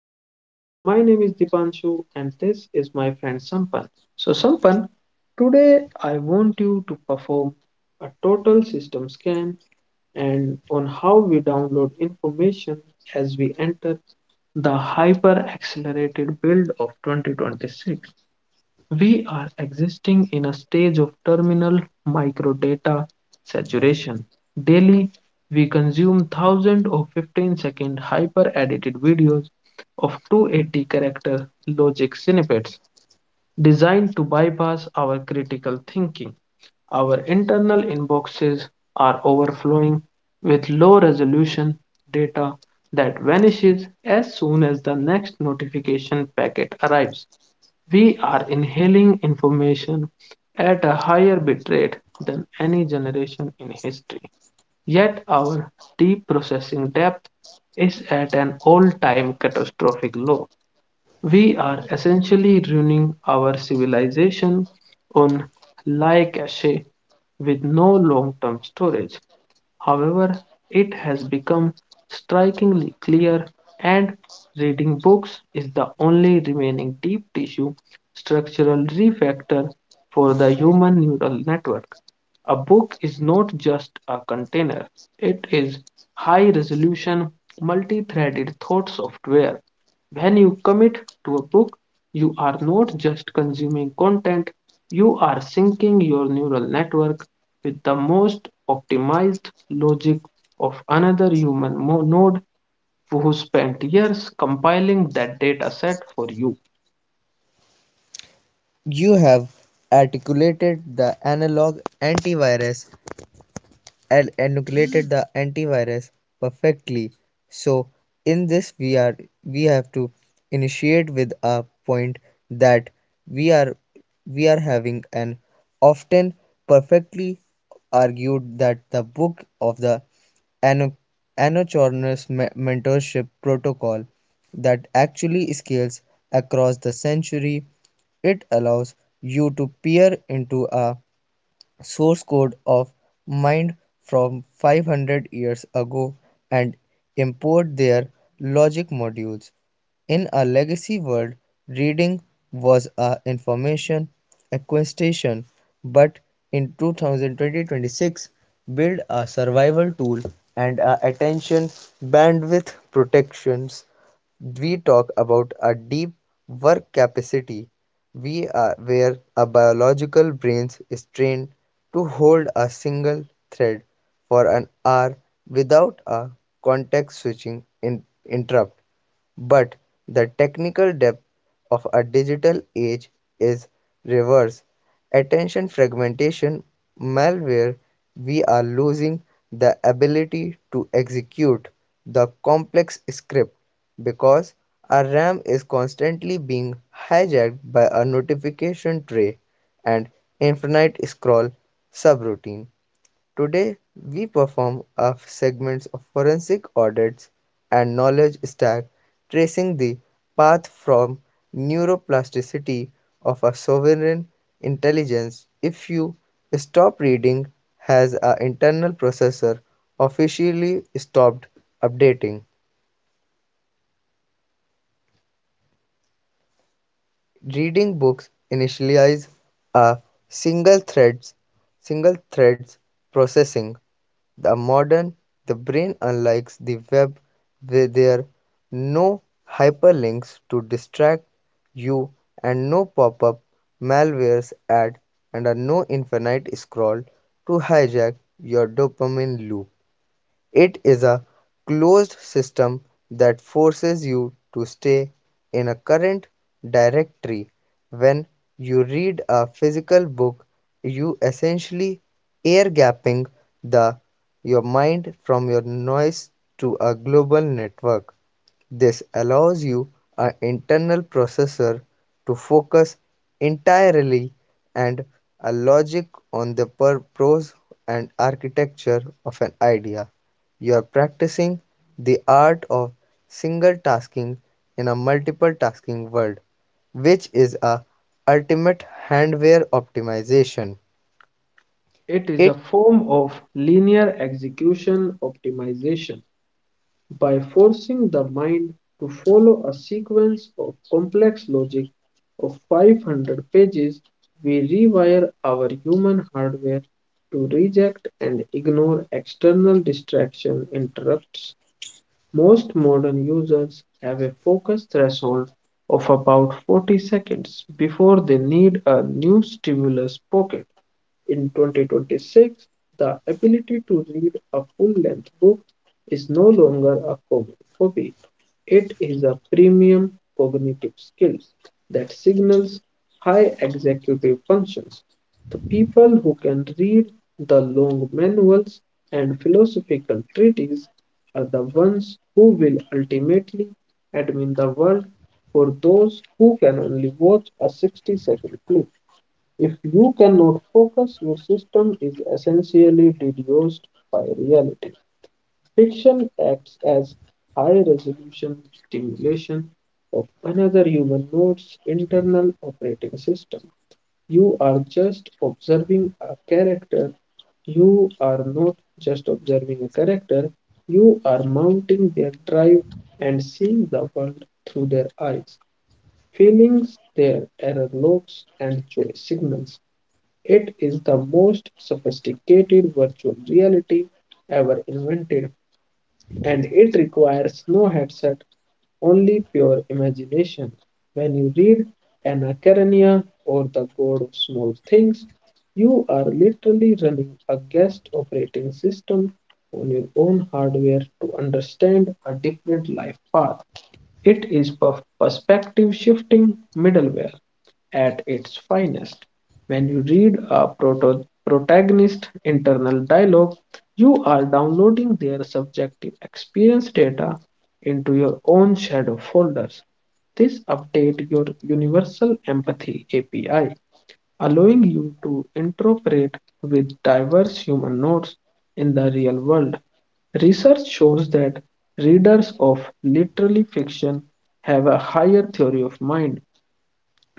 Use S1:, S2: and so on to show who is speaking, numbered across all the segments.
S1: space. My name is Dipanshu, and this is my friend Sampan. So, Sampan, today I want you to perform a total system scan and on how we download information as we enter the hyper accelerated build of 2026. We are existing in a stage of terminal microdata saturation. Daily, we consume thousands of 15-second hyper edited videos of 280 character logic snippets designed to bypass our critical thinking. Our internal inboxes are overflowing with low resolution data that vanishes as soon as the next notification packet arrives. We are inhaling information at a higher bitrate than any generation in history. Yet our deep processing depth is at an all time catastrophic low. We are essentially ruining our civilization on lie cache with no long term storage. However, it has become strikingly clear, and reading books is the only remaining deep tissue structural refactor for the human neural network. A book is not just a container, it is high resolution, multi threaded thought software. When you commit to a book, you are not just consuming content, you are syncing your neural network with the most optimized logic of another human node who spent years compiling that data set for you.
S2: You have articulated the analog antivirus and inoculated the antivirus perfectly. So in this we have to initiate with a point that we are we are having an often perfectly argued that the book of the ano- mentorship protocol that actually scales across the century. It allows you to peer into a source code of mind from 500 years ago and import their logic modules. In a legacy world, reading was a information acquisition, but in 2020 build a survival tool and a attention bandwidth protections we talk about a deep work capacity we are where a biological brain is trained to hold a single thread for an hour without a context switching in, interrupt but the technical depth of a digital age is reverse attention fragmentation malware. We are losing the ability to execute the complex script because our RAM is constantly being hijacked by a notification tray and infinite scroll subroutine. Today, we perform a segments of forensic audits and knowledge stack tracing the path from neuroplasticity of a sovereign intelligence. If you stop reading has an internal processor officially stopped updating. Reading books initialize a single threads single threads processing. The modern the brain unlike the web where there are no hyperlinks to distract you and no pop-up malwares ad and a no infinite scroll to hijack your dopamine loop. It is a closed system that forces you to stay in a current directory. When you read a physical book, you essentially air-gapping the your mind from your noise to a global network. This allows you an internal processor to focus entirely and a logic on the and architecture of an idea. You are practicing the art of single tasking in a multiple tasking world, which is a ultimate hardware optimization.
S1: It is a form of linear execution optimization. By forcing the mind to follow a sequence of complex logic of 500 pages, we rewire our human hardware to reject and ignore external distraction interrupts. Most modern users have a focus threshold of about 40 seconds before they need a new stimulus pocket. In 2026, the ability to read a full-length book is no longer a hobby. It is a premium cognitive skill that signals high executive functions. The people who can read the long manuals and philosophical treatises are the ones who will ultimately admin the world for those who can only watch a 60-second clip. If you cannot focus, your system is essentially deduced by reality. Fiction acts as high resolution stimulation of another human node's internal operating system. You are just observing a character. You are not just observing a character, you are mounting their drive and seeing the world through their eyes, feelings, their error logs, and joy signals. It is the most sophisticated virtual reality ever invented, and it requires no headset, only pure imagination. When you read Anna Karenina or The God of Small Things, you are literally running a guest operating system on your own hardware to understand a different life path. It is perspective shifting middleware at its finest. When you read a protagonist internal dialogue, you are downloading their subjective experience data into your own shadow folders. This updates your Universal Empathy API, allowing you to interoperate with diverse human nodes in the real world. Research shows that readers of literary fiction have a higher theory of mind.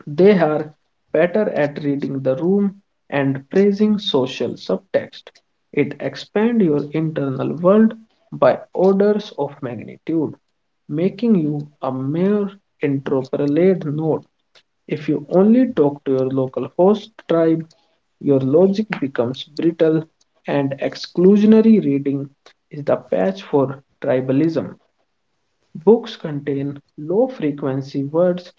S1: They are better at reading the room and praising social subtext. It expands your internal world by orders of magnitude, making you a mere interpolate node. If you only talk to your local host tribe, your logic becomes brittle and exclusionary. Reading is the patch for tribalism. Books contain low frequency words,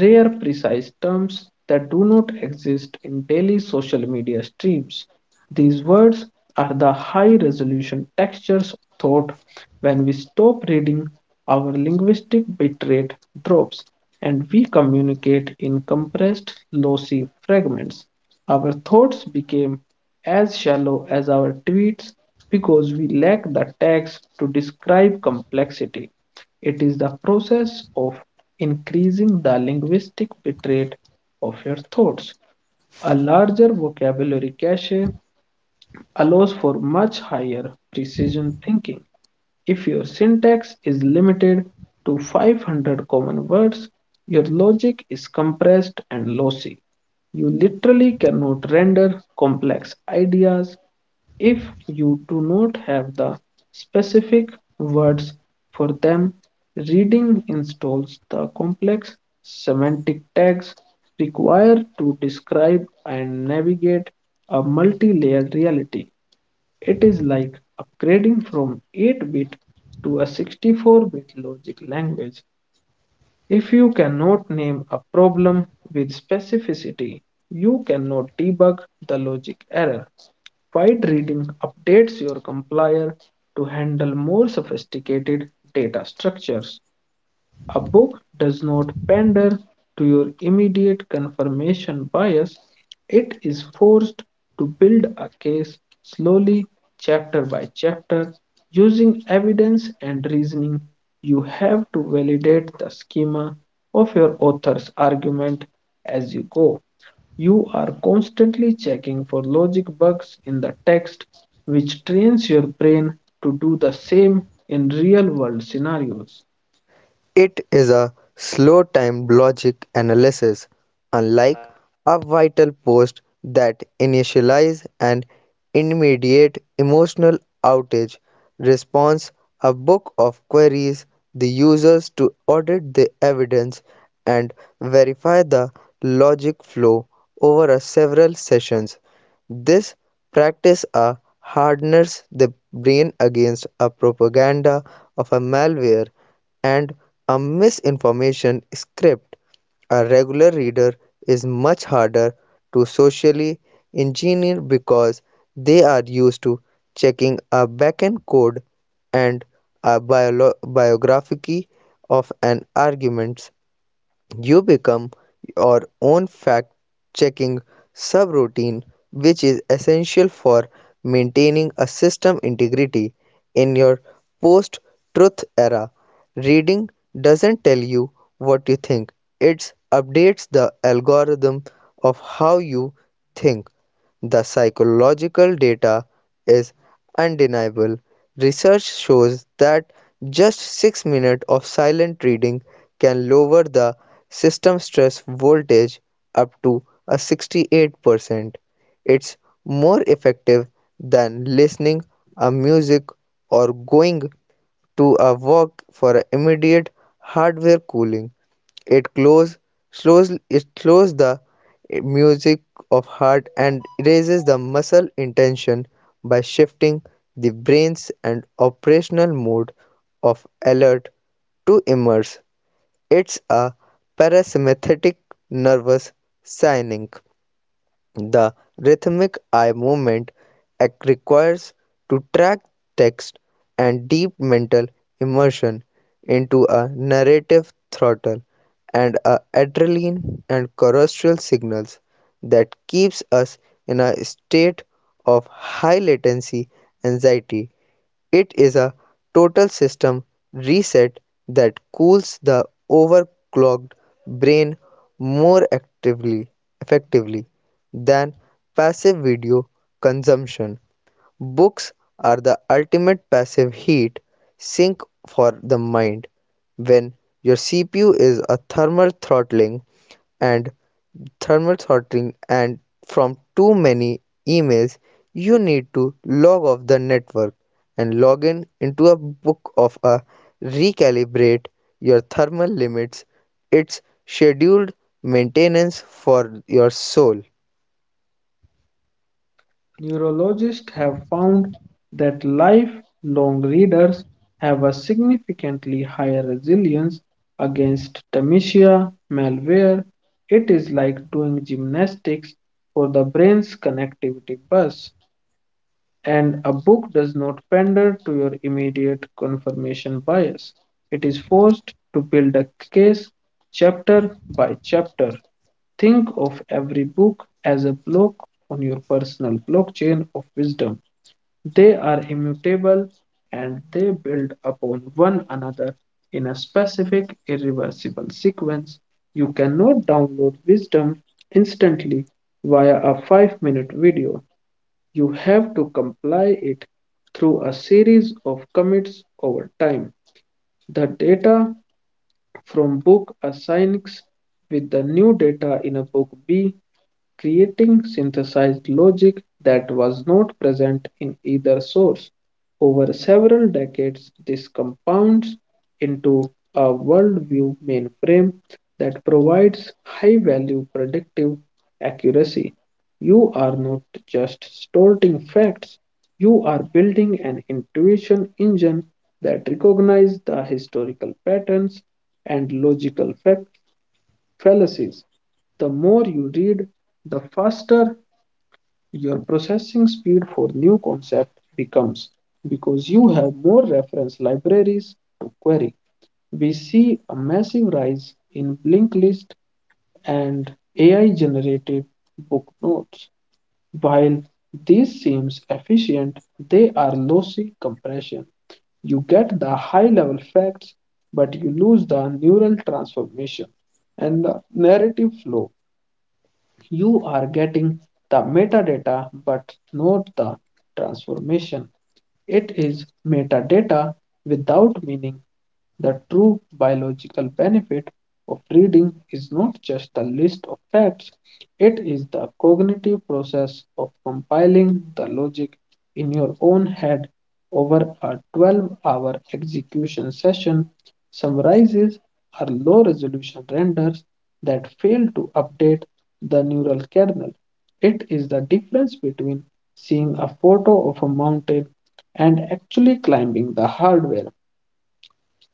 S1: rare precise terms that do not exist in daily social media streams. These words are the high resolution textures of thought. When we stop reading, our linguistic bitrate drops and we communicate in compressed, lossy fragments. Our thoughts became as shallow as our tweets because we lack the tags to describe complexity. It is the process of increasing the linguistic bitrate of your thoughts. A larger vocabulary cache allows for much higher precision thinking. If your syntax is limited to 500 common words, your logic is compressed and lossy. You literally cannot render complex ideas if you do not have the specific words for them. Reading installs the complex semantic tags required to describe and navigate a multi-layered reality. It is like upgrading from 8-bit to a 64-bit logic language. If you cannot name a problem with specificity, you cannot debug the logic error. Quiet reading updates your compiler to handle more sophisticated data structures. A book does not pander to your immediate confirmation bias, it is forced to build a case slowly, chapter by chapter, using evidence and reasoning. You have to validate the schema of your author's argument as you go. You are constantly checking for logic bugs in the text, which trains your brain to do the same in real world scenarios.
S2: It is a slow time logic analysis, unlike a vital post that initialize an immediate emotional outage response, a book of queries the users to audit the evidence and verify the logic flow over a several sessions. This practice hardens the brain against a propaganda of a malware and a misinformation script. A regular reader is much harder to socially engineer because they are used to checking a backend code and a biography of an argument you become your own fact-checking subroutine, which is essential for maintaining a system integrity in your post-truth era. Reading doesn't tell you what you think; it updates the algorithm of how you think. The psychological data is undeniable. Research shows that just 6 minutes of silent reading can lower the system stress voltage up to a 68%. It's more effective than listening a music or going to a walk for a immediate hardware cooling. It close, it slows the music of heart and raises the muscle intention by shifting the brain's and operational mode of alert to immerse. It's a parasympathetic nervous signaling. The rhythmic eye movement requires to track text and deep mental immersion into a narrative throttle and a adrenaline and choral signals that keeps us in a state of high latency anxiety. It is a total system reset that cools the overclocked brain more actively effectively than passive video consumption. Books are the ultimate passive heat sink for the mind. When your CPU is a and thermal throttling and from too many emails you need to log off the network and log in into a book of a recalibrate your thermal limits. Its scheduled maintenance for your soul.
S1: Neurologists have found that lifelong readers have a significantly higher resilience against dementia, malware. It is like doing gymnastics for the brain's connectivity bus. And a book does not pander to your immediate confirmation bias. It is forced to build a case chapter by chapter. Think of every book as a block on your personal blockchain of wisdom. They are immutable and they build upon one another in a specific, irreversible sequence. You cannot download wisdom instantly via a 5-minute video. You have to comply it through a series of commits over time. The data from book assigns with the new data in a book B, creating synthesized logic that was not present in either source. Over several decades, this compounds into a worldview mainframe that provides high value predictive accuracy. You are not just storing facts, you are building an intuition engine that recognizes the historical patterns and logical factors fallacies. The more you read, the faster your processing speed for new concept becomes because you have more reference libraries to query. We see a massive rise in linked list and AI generated book notes. While this seems efficient, they are lossy compression. You get the high level facts, but you lose the neural transformation and the narrative flow. You are getting the metadata but not the transformation. It is metadata without meaning. The true biological benefit of reading is not just a list of facts, it is the cognitive process of compiling the logic in your own head over a 12-hour execution session. Summarizes are low resolution renders that fail to update the neural kernel. It is the difference between seeing a photo of a mountain and actually climbing the hardware.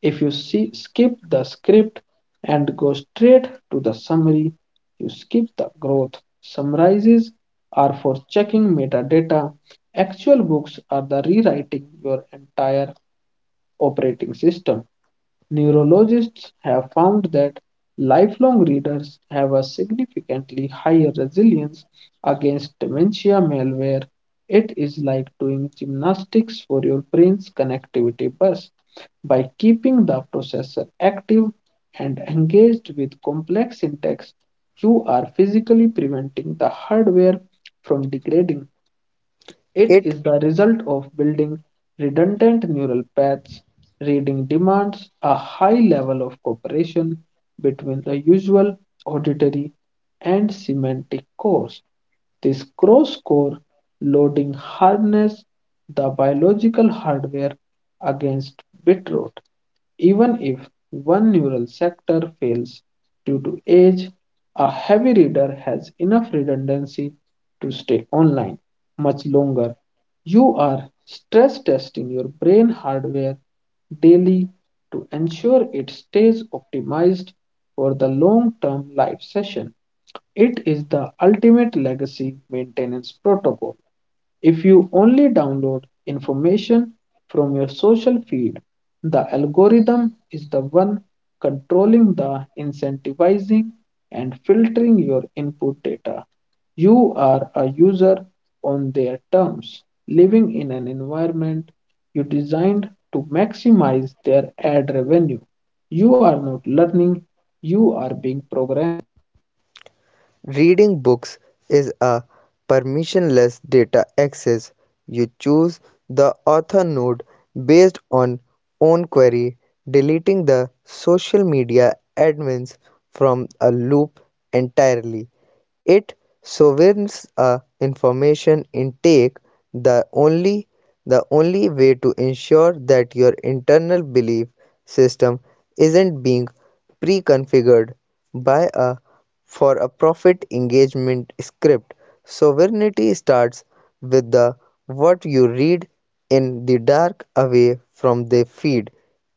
S1: If you see, skip the script and go straight to the summary, you skip the growth. Summarizes are for checking metadata. Actual books are the rewriting your entire operating system. Neurologists have found that lifelong readers have a significantly higher resilience against dementia malware. It is like doing gymnastics for your brain's connectivity bus. By keeping the processor active and engaged with complex syntax, you are physically preventing the hardware from degrading. It
S2: It
S1: is the result of building redundant neural paths. Reading demands a high level of cooperation between the usual, auditory, and semantic cores. This cross core loading harnesses the biological hardware against bitrate. Even if one neural sector fails due to age, a heavy reader has enough redundancy to stay online much longer. You are stress testing your brain hardware daily to ensure it stays optimized for the long term live session. It is the ultimate legacy maintenance protocol. If you only download information from your social feed, the algorithm is the one controlling the incentivizing and filtering your input data. You are a user on their terms, living in an environment you designed to maximize their ad revenue. You are not learning, you are being programmed.
S2: Reading books is a permissionless data access. You choose the author node based on own query, deleting the social media admins from a loop entirely. It sovereigns a information intake, the only the only way to ensure that your internal belief system isn't being pre-configured by a for a profit engagement script. Sovereignty starts with the what you read in the dark away from the feed.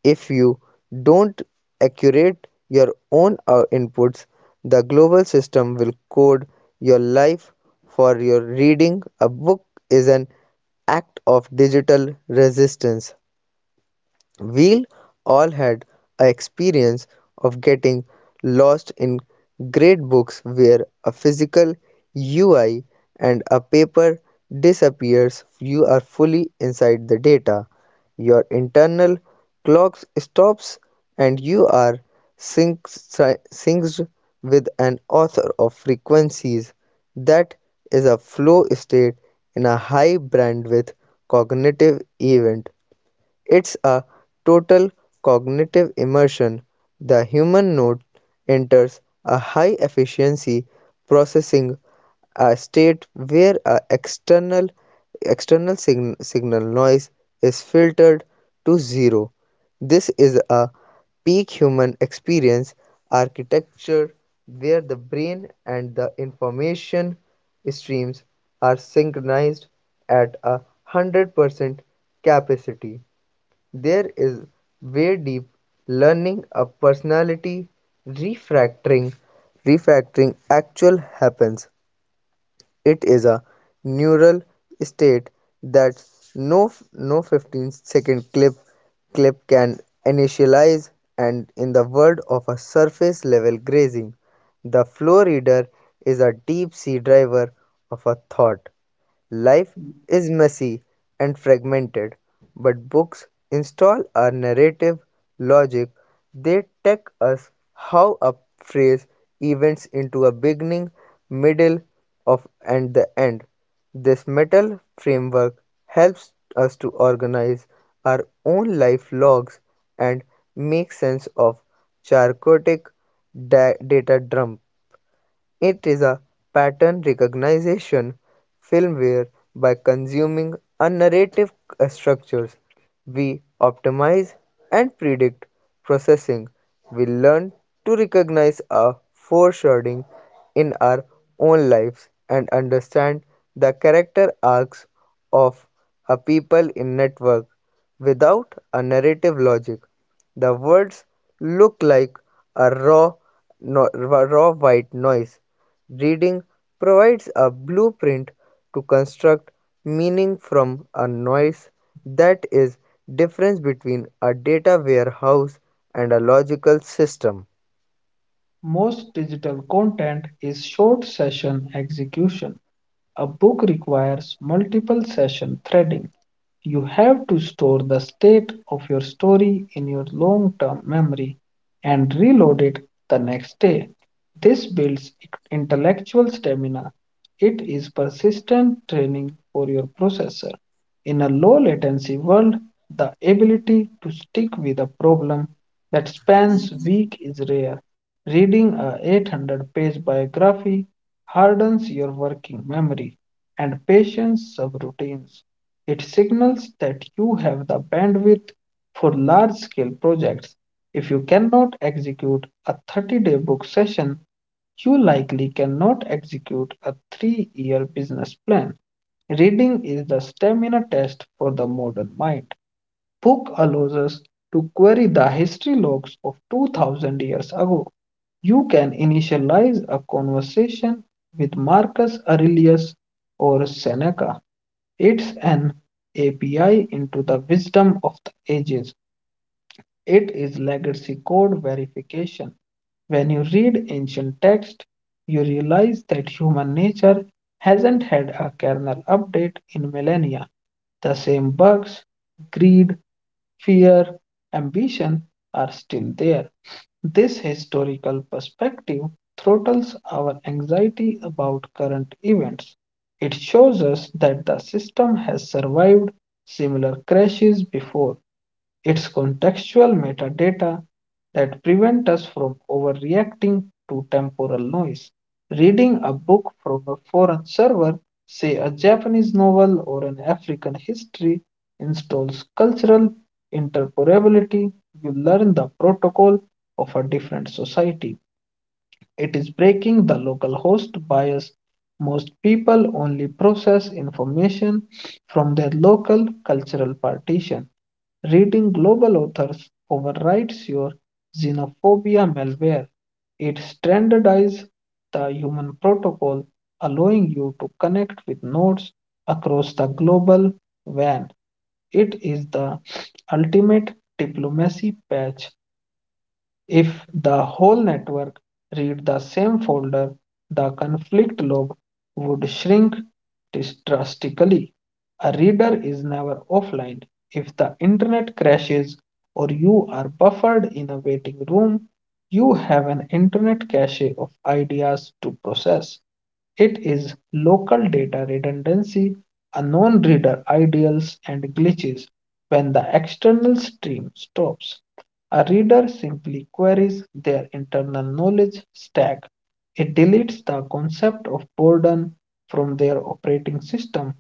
S2: If you don't accurate your own inputs, the global system will code your life for your reading. A book is an act of digital resistance. We'll all had a experience of getting lost in great books where a physical UI and a paper disappears. You are fully inside the data. Your internal clock stops and you are synced with an author of frequencies. That is a flow state in a high bandwidth cognitive event. It's a total cognitive immersion. The human node enters a high efficiency processing a state where a external signal noise is filtered to zero. This is a peak human experience architecture where the brain and the information streams are synchronized at a 100% capacity. There is way deep learning of personality refactoring refactoring actual happens. It is a neural state that no no 15 second clip can initialize and in the world of a surface level grazing the flow reader is a deep sea driver of a thought. Life is messy and fragmented, but books install a narrative logic. They tell us how a phrase events into a beginning, middle, of and the end. This metal framework helps us to organize our own life logs and make sense of chaotic data dump. It is a pattern recognition film where, by consuming a narrative structures we optimize and predict processing. We learn to recognize a foreshadowing in our own lives and understand the character arcs of a people in network without a narrative logic. The words look like a raw no, raw white noise. Reading provides a blueprint to construct meaning from a noise that is difference between a data warehouse and a logical system.
S1: Most digital content is short session execution. A book requires multiple session threading. You have to store the state of your story in your long term memory and reload it the next day. This builds intellectual stamina. It is persistent training for your processor. In a low latency world, the ability to stick with a problem that spans weeks is rare. Reading a 800-page biography hardens your working memory and patience subroutines. It signals that you have the bandwidth for large scale projects. If you cannot execute a 30-day book session, you likely cannot execute a 3-year business plan. Reading is the stamina test for the modern mind. Book allows us to query the history logs of 2000 years ago. You can initialize a conversation with Marcus Aurelius or Seneca. It's an API into the wisdom of the ages. It is legacy code verification. When you read ancient text, you realize that human nature hasn't had a kernel update in millennia. The same bugs, greed, fear, ambition are still there. This historical perspective throttles our anxiety about current events. It shows us that the system has survived similar crashes before. It's contextual metadata that prevent us from overreacting to temporal noise. Reading a book from a foreign server, say a Japanese novel or an African history, installs cultural interoperability. You learn the protocol of a different society. It is breaking the local host bias. Most people only process information from their local cultural partition. Reading global authors overrides your xenophobia malware. It standardizes the human protocol, allowing you to connect with nodes across the global WAN. It is the ultimate diplomacy patch. If the whole network read the same folder, the conflict lobe would shrink drastically. A reader is never offline. If the internet crashes or you are buffered in a waiting room, you have an internet cache of ideas to process. It is local data redundancy, unknown reader ideals, and glitches. When the external stream stops, a reader simply queries their internal knowledge stack. It deletes the concept of boredom from their operating system.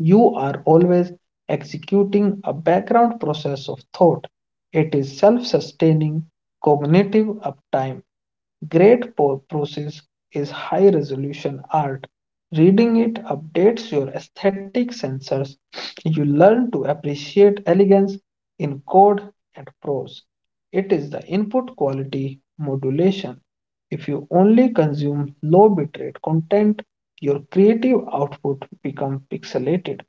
S1: You are always executing a background process of thought. It is self sustaining cognitive uptime. Process is high resolution art. Reading it updates your aesthetic sensors. You learn to appreciate elegance in code and prose. It is the input quality modulation. If you only consume low bitrate content, your creative output becomes pixelated.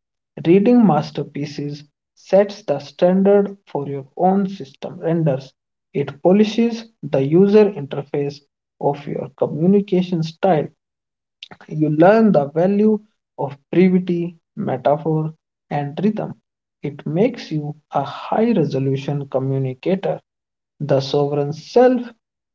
S1: Reading masterpieces sets the standard for your own system renders. It polishes the user interface of your communication style. You learn the value of brevity, metaphor, and rhythm. It makes you a high resolution communicator. The sovereign self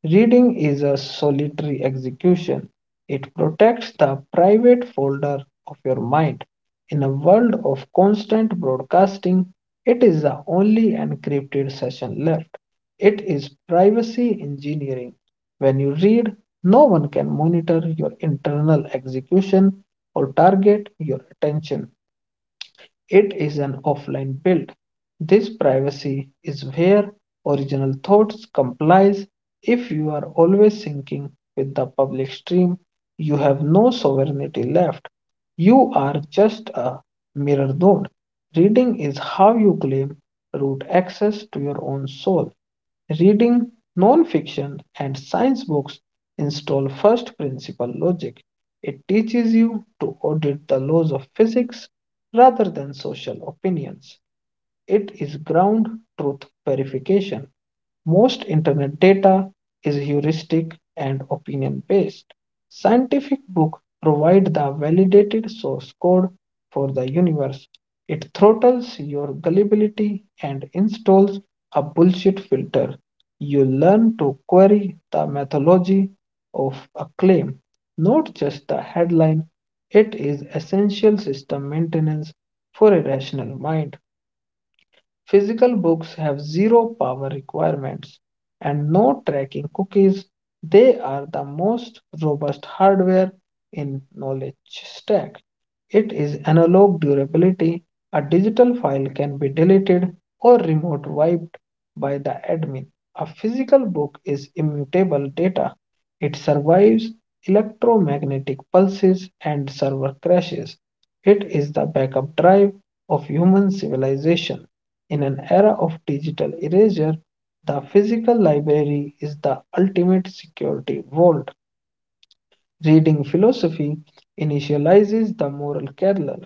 S1: reading is a solitary execution. It protects the private folder of your mind. In a world of constant broadcasting, it is the only encrypted session left. It is privacy engineering. When you read, no one can monitor your internal execution or target your attention. It is an offline build. This privacy is where original thoughts complies. If you are always syncing with the public stream, you have no sovereignty left. You are just a mirror node. Reading is how you claim root access to your own soul. Reading non-fiction and science books install first principle logic. It teaches you to audit the laws of physics rather than social opinions. It is ground truth verification. Most internet data is heuristic and opinion based. Scientific books provide the validated source code for the universe. It throttles your gullibility and installs a bullshit filter. You learn to query the methodology of a claim, not just the headline. It is essential system maintenance for a rational mind. Physical books have zero power requirements and no tracking cookies. They are the most robust hardware in knowledge stack. It is analog durability. A digital file can be deleted or remote wiped by the admin. A physical book is immutable data. It survives electromagnetic pulses and server crashes. It is the backup drive of human civilization. In an era of digital erasure, the physical library is the ultimate security vault. Reading philosophy initializes the moral kernel.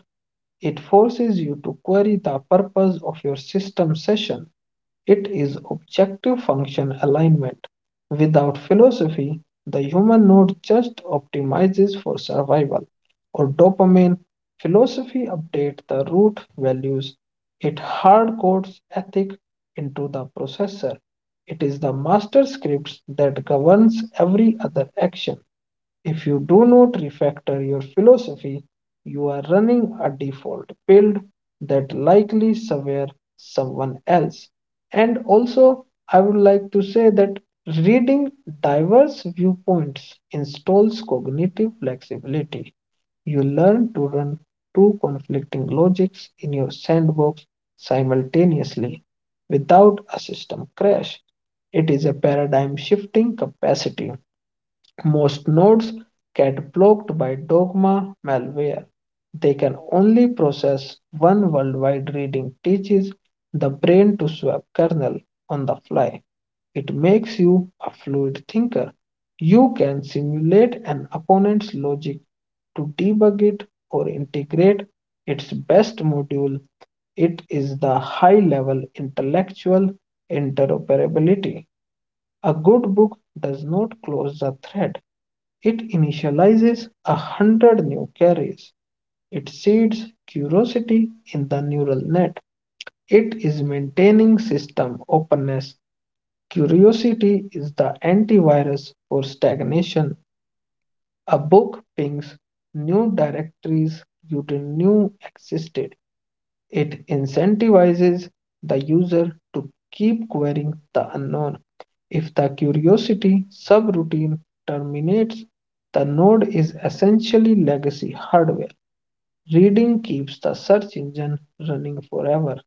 S1: It forces you to query the purpose of your system session. It is objective function alignment. Without philosophy, the human node just optimizes for survival or dopamine. Philosophy updates the root values. It hardcodes ethic into the processor. It is the master scripts that governs every other action. If you do not refactor your philosophy, you are running a default build that likely somewhere someone else. And also, I would like to say that reading diverse viewpoints installs cognitive flexibility. You learn to run two conflicting logics in your sandbox simultaneously without a system crash. It is a paradigm shifting capacity. Most nodes get blocked by dogma malware. They can only process one worldwide reading teaches the brain to swap kernel on the fly. It makes you a fluid thinker. You can simulate an opponent's logic to debug it or integrate its best module. It is the high level intellectual interoperability. A good book does not close the thread, it initializes a hundred new carriers. It seeds curiosity in the neural net. It is maintaining system openness. Curiosity is the antivirus for stagnation. A book pings new directories you didn't know existed. It incentivizes the user to keep querying the unknown. If the curiosity subroutine terminates, the node is essentially legacy hardware. Reading keeps the search engine running forever.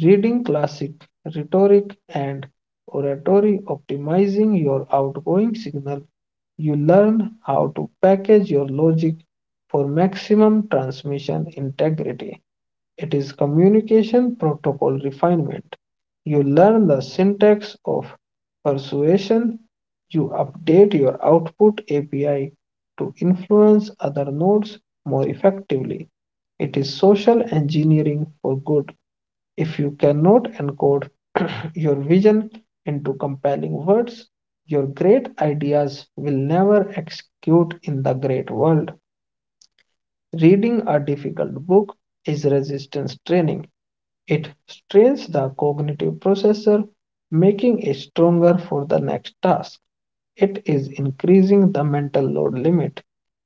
S1: Reading classic rhetoric and oratory, optimizing your outgoing signal, you learn how to package your logic for maximum transmission integrity. It is communication protocol refinement. You learn the syntax of persuasion. You update your output API to influence other nodes more effectively. It is social engineering for good. If you cannot encode your vision into compelling words, your great ideas will never execute in the great world. Reading a difficult book is resistance training. It strains the cognitive processor, making it stronger for the next task. It is increasing the mental load limit.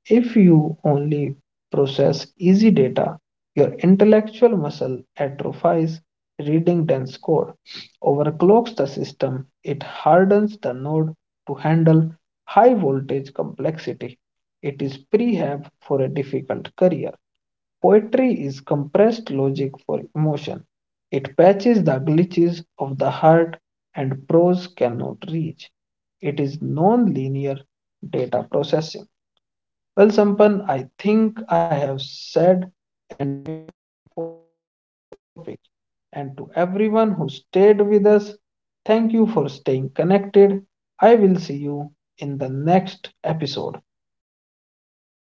S1: If you only process easy data, your intellectual muscle atrophies, reading dense code, overclocks the system, it hardens the node to handle high voltage complexity. It is prehab for a difficult career. Poetry is compressed logic for emotion. It patches the glitches of the heart and prose cannot reach. It is non-linear data processing. Well, Sampan, I think I have said topic. And to everyone who stayed with us, thank you for staying connected. I will see you in the next episode.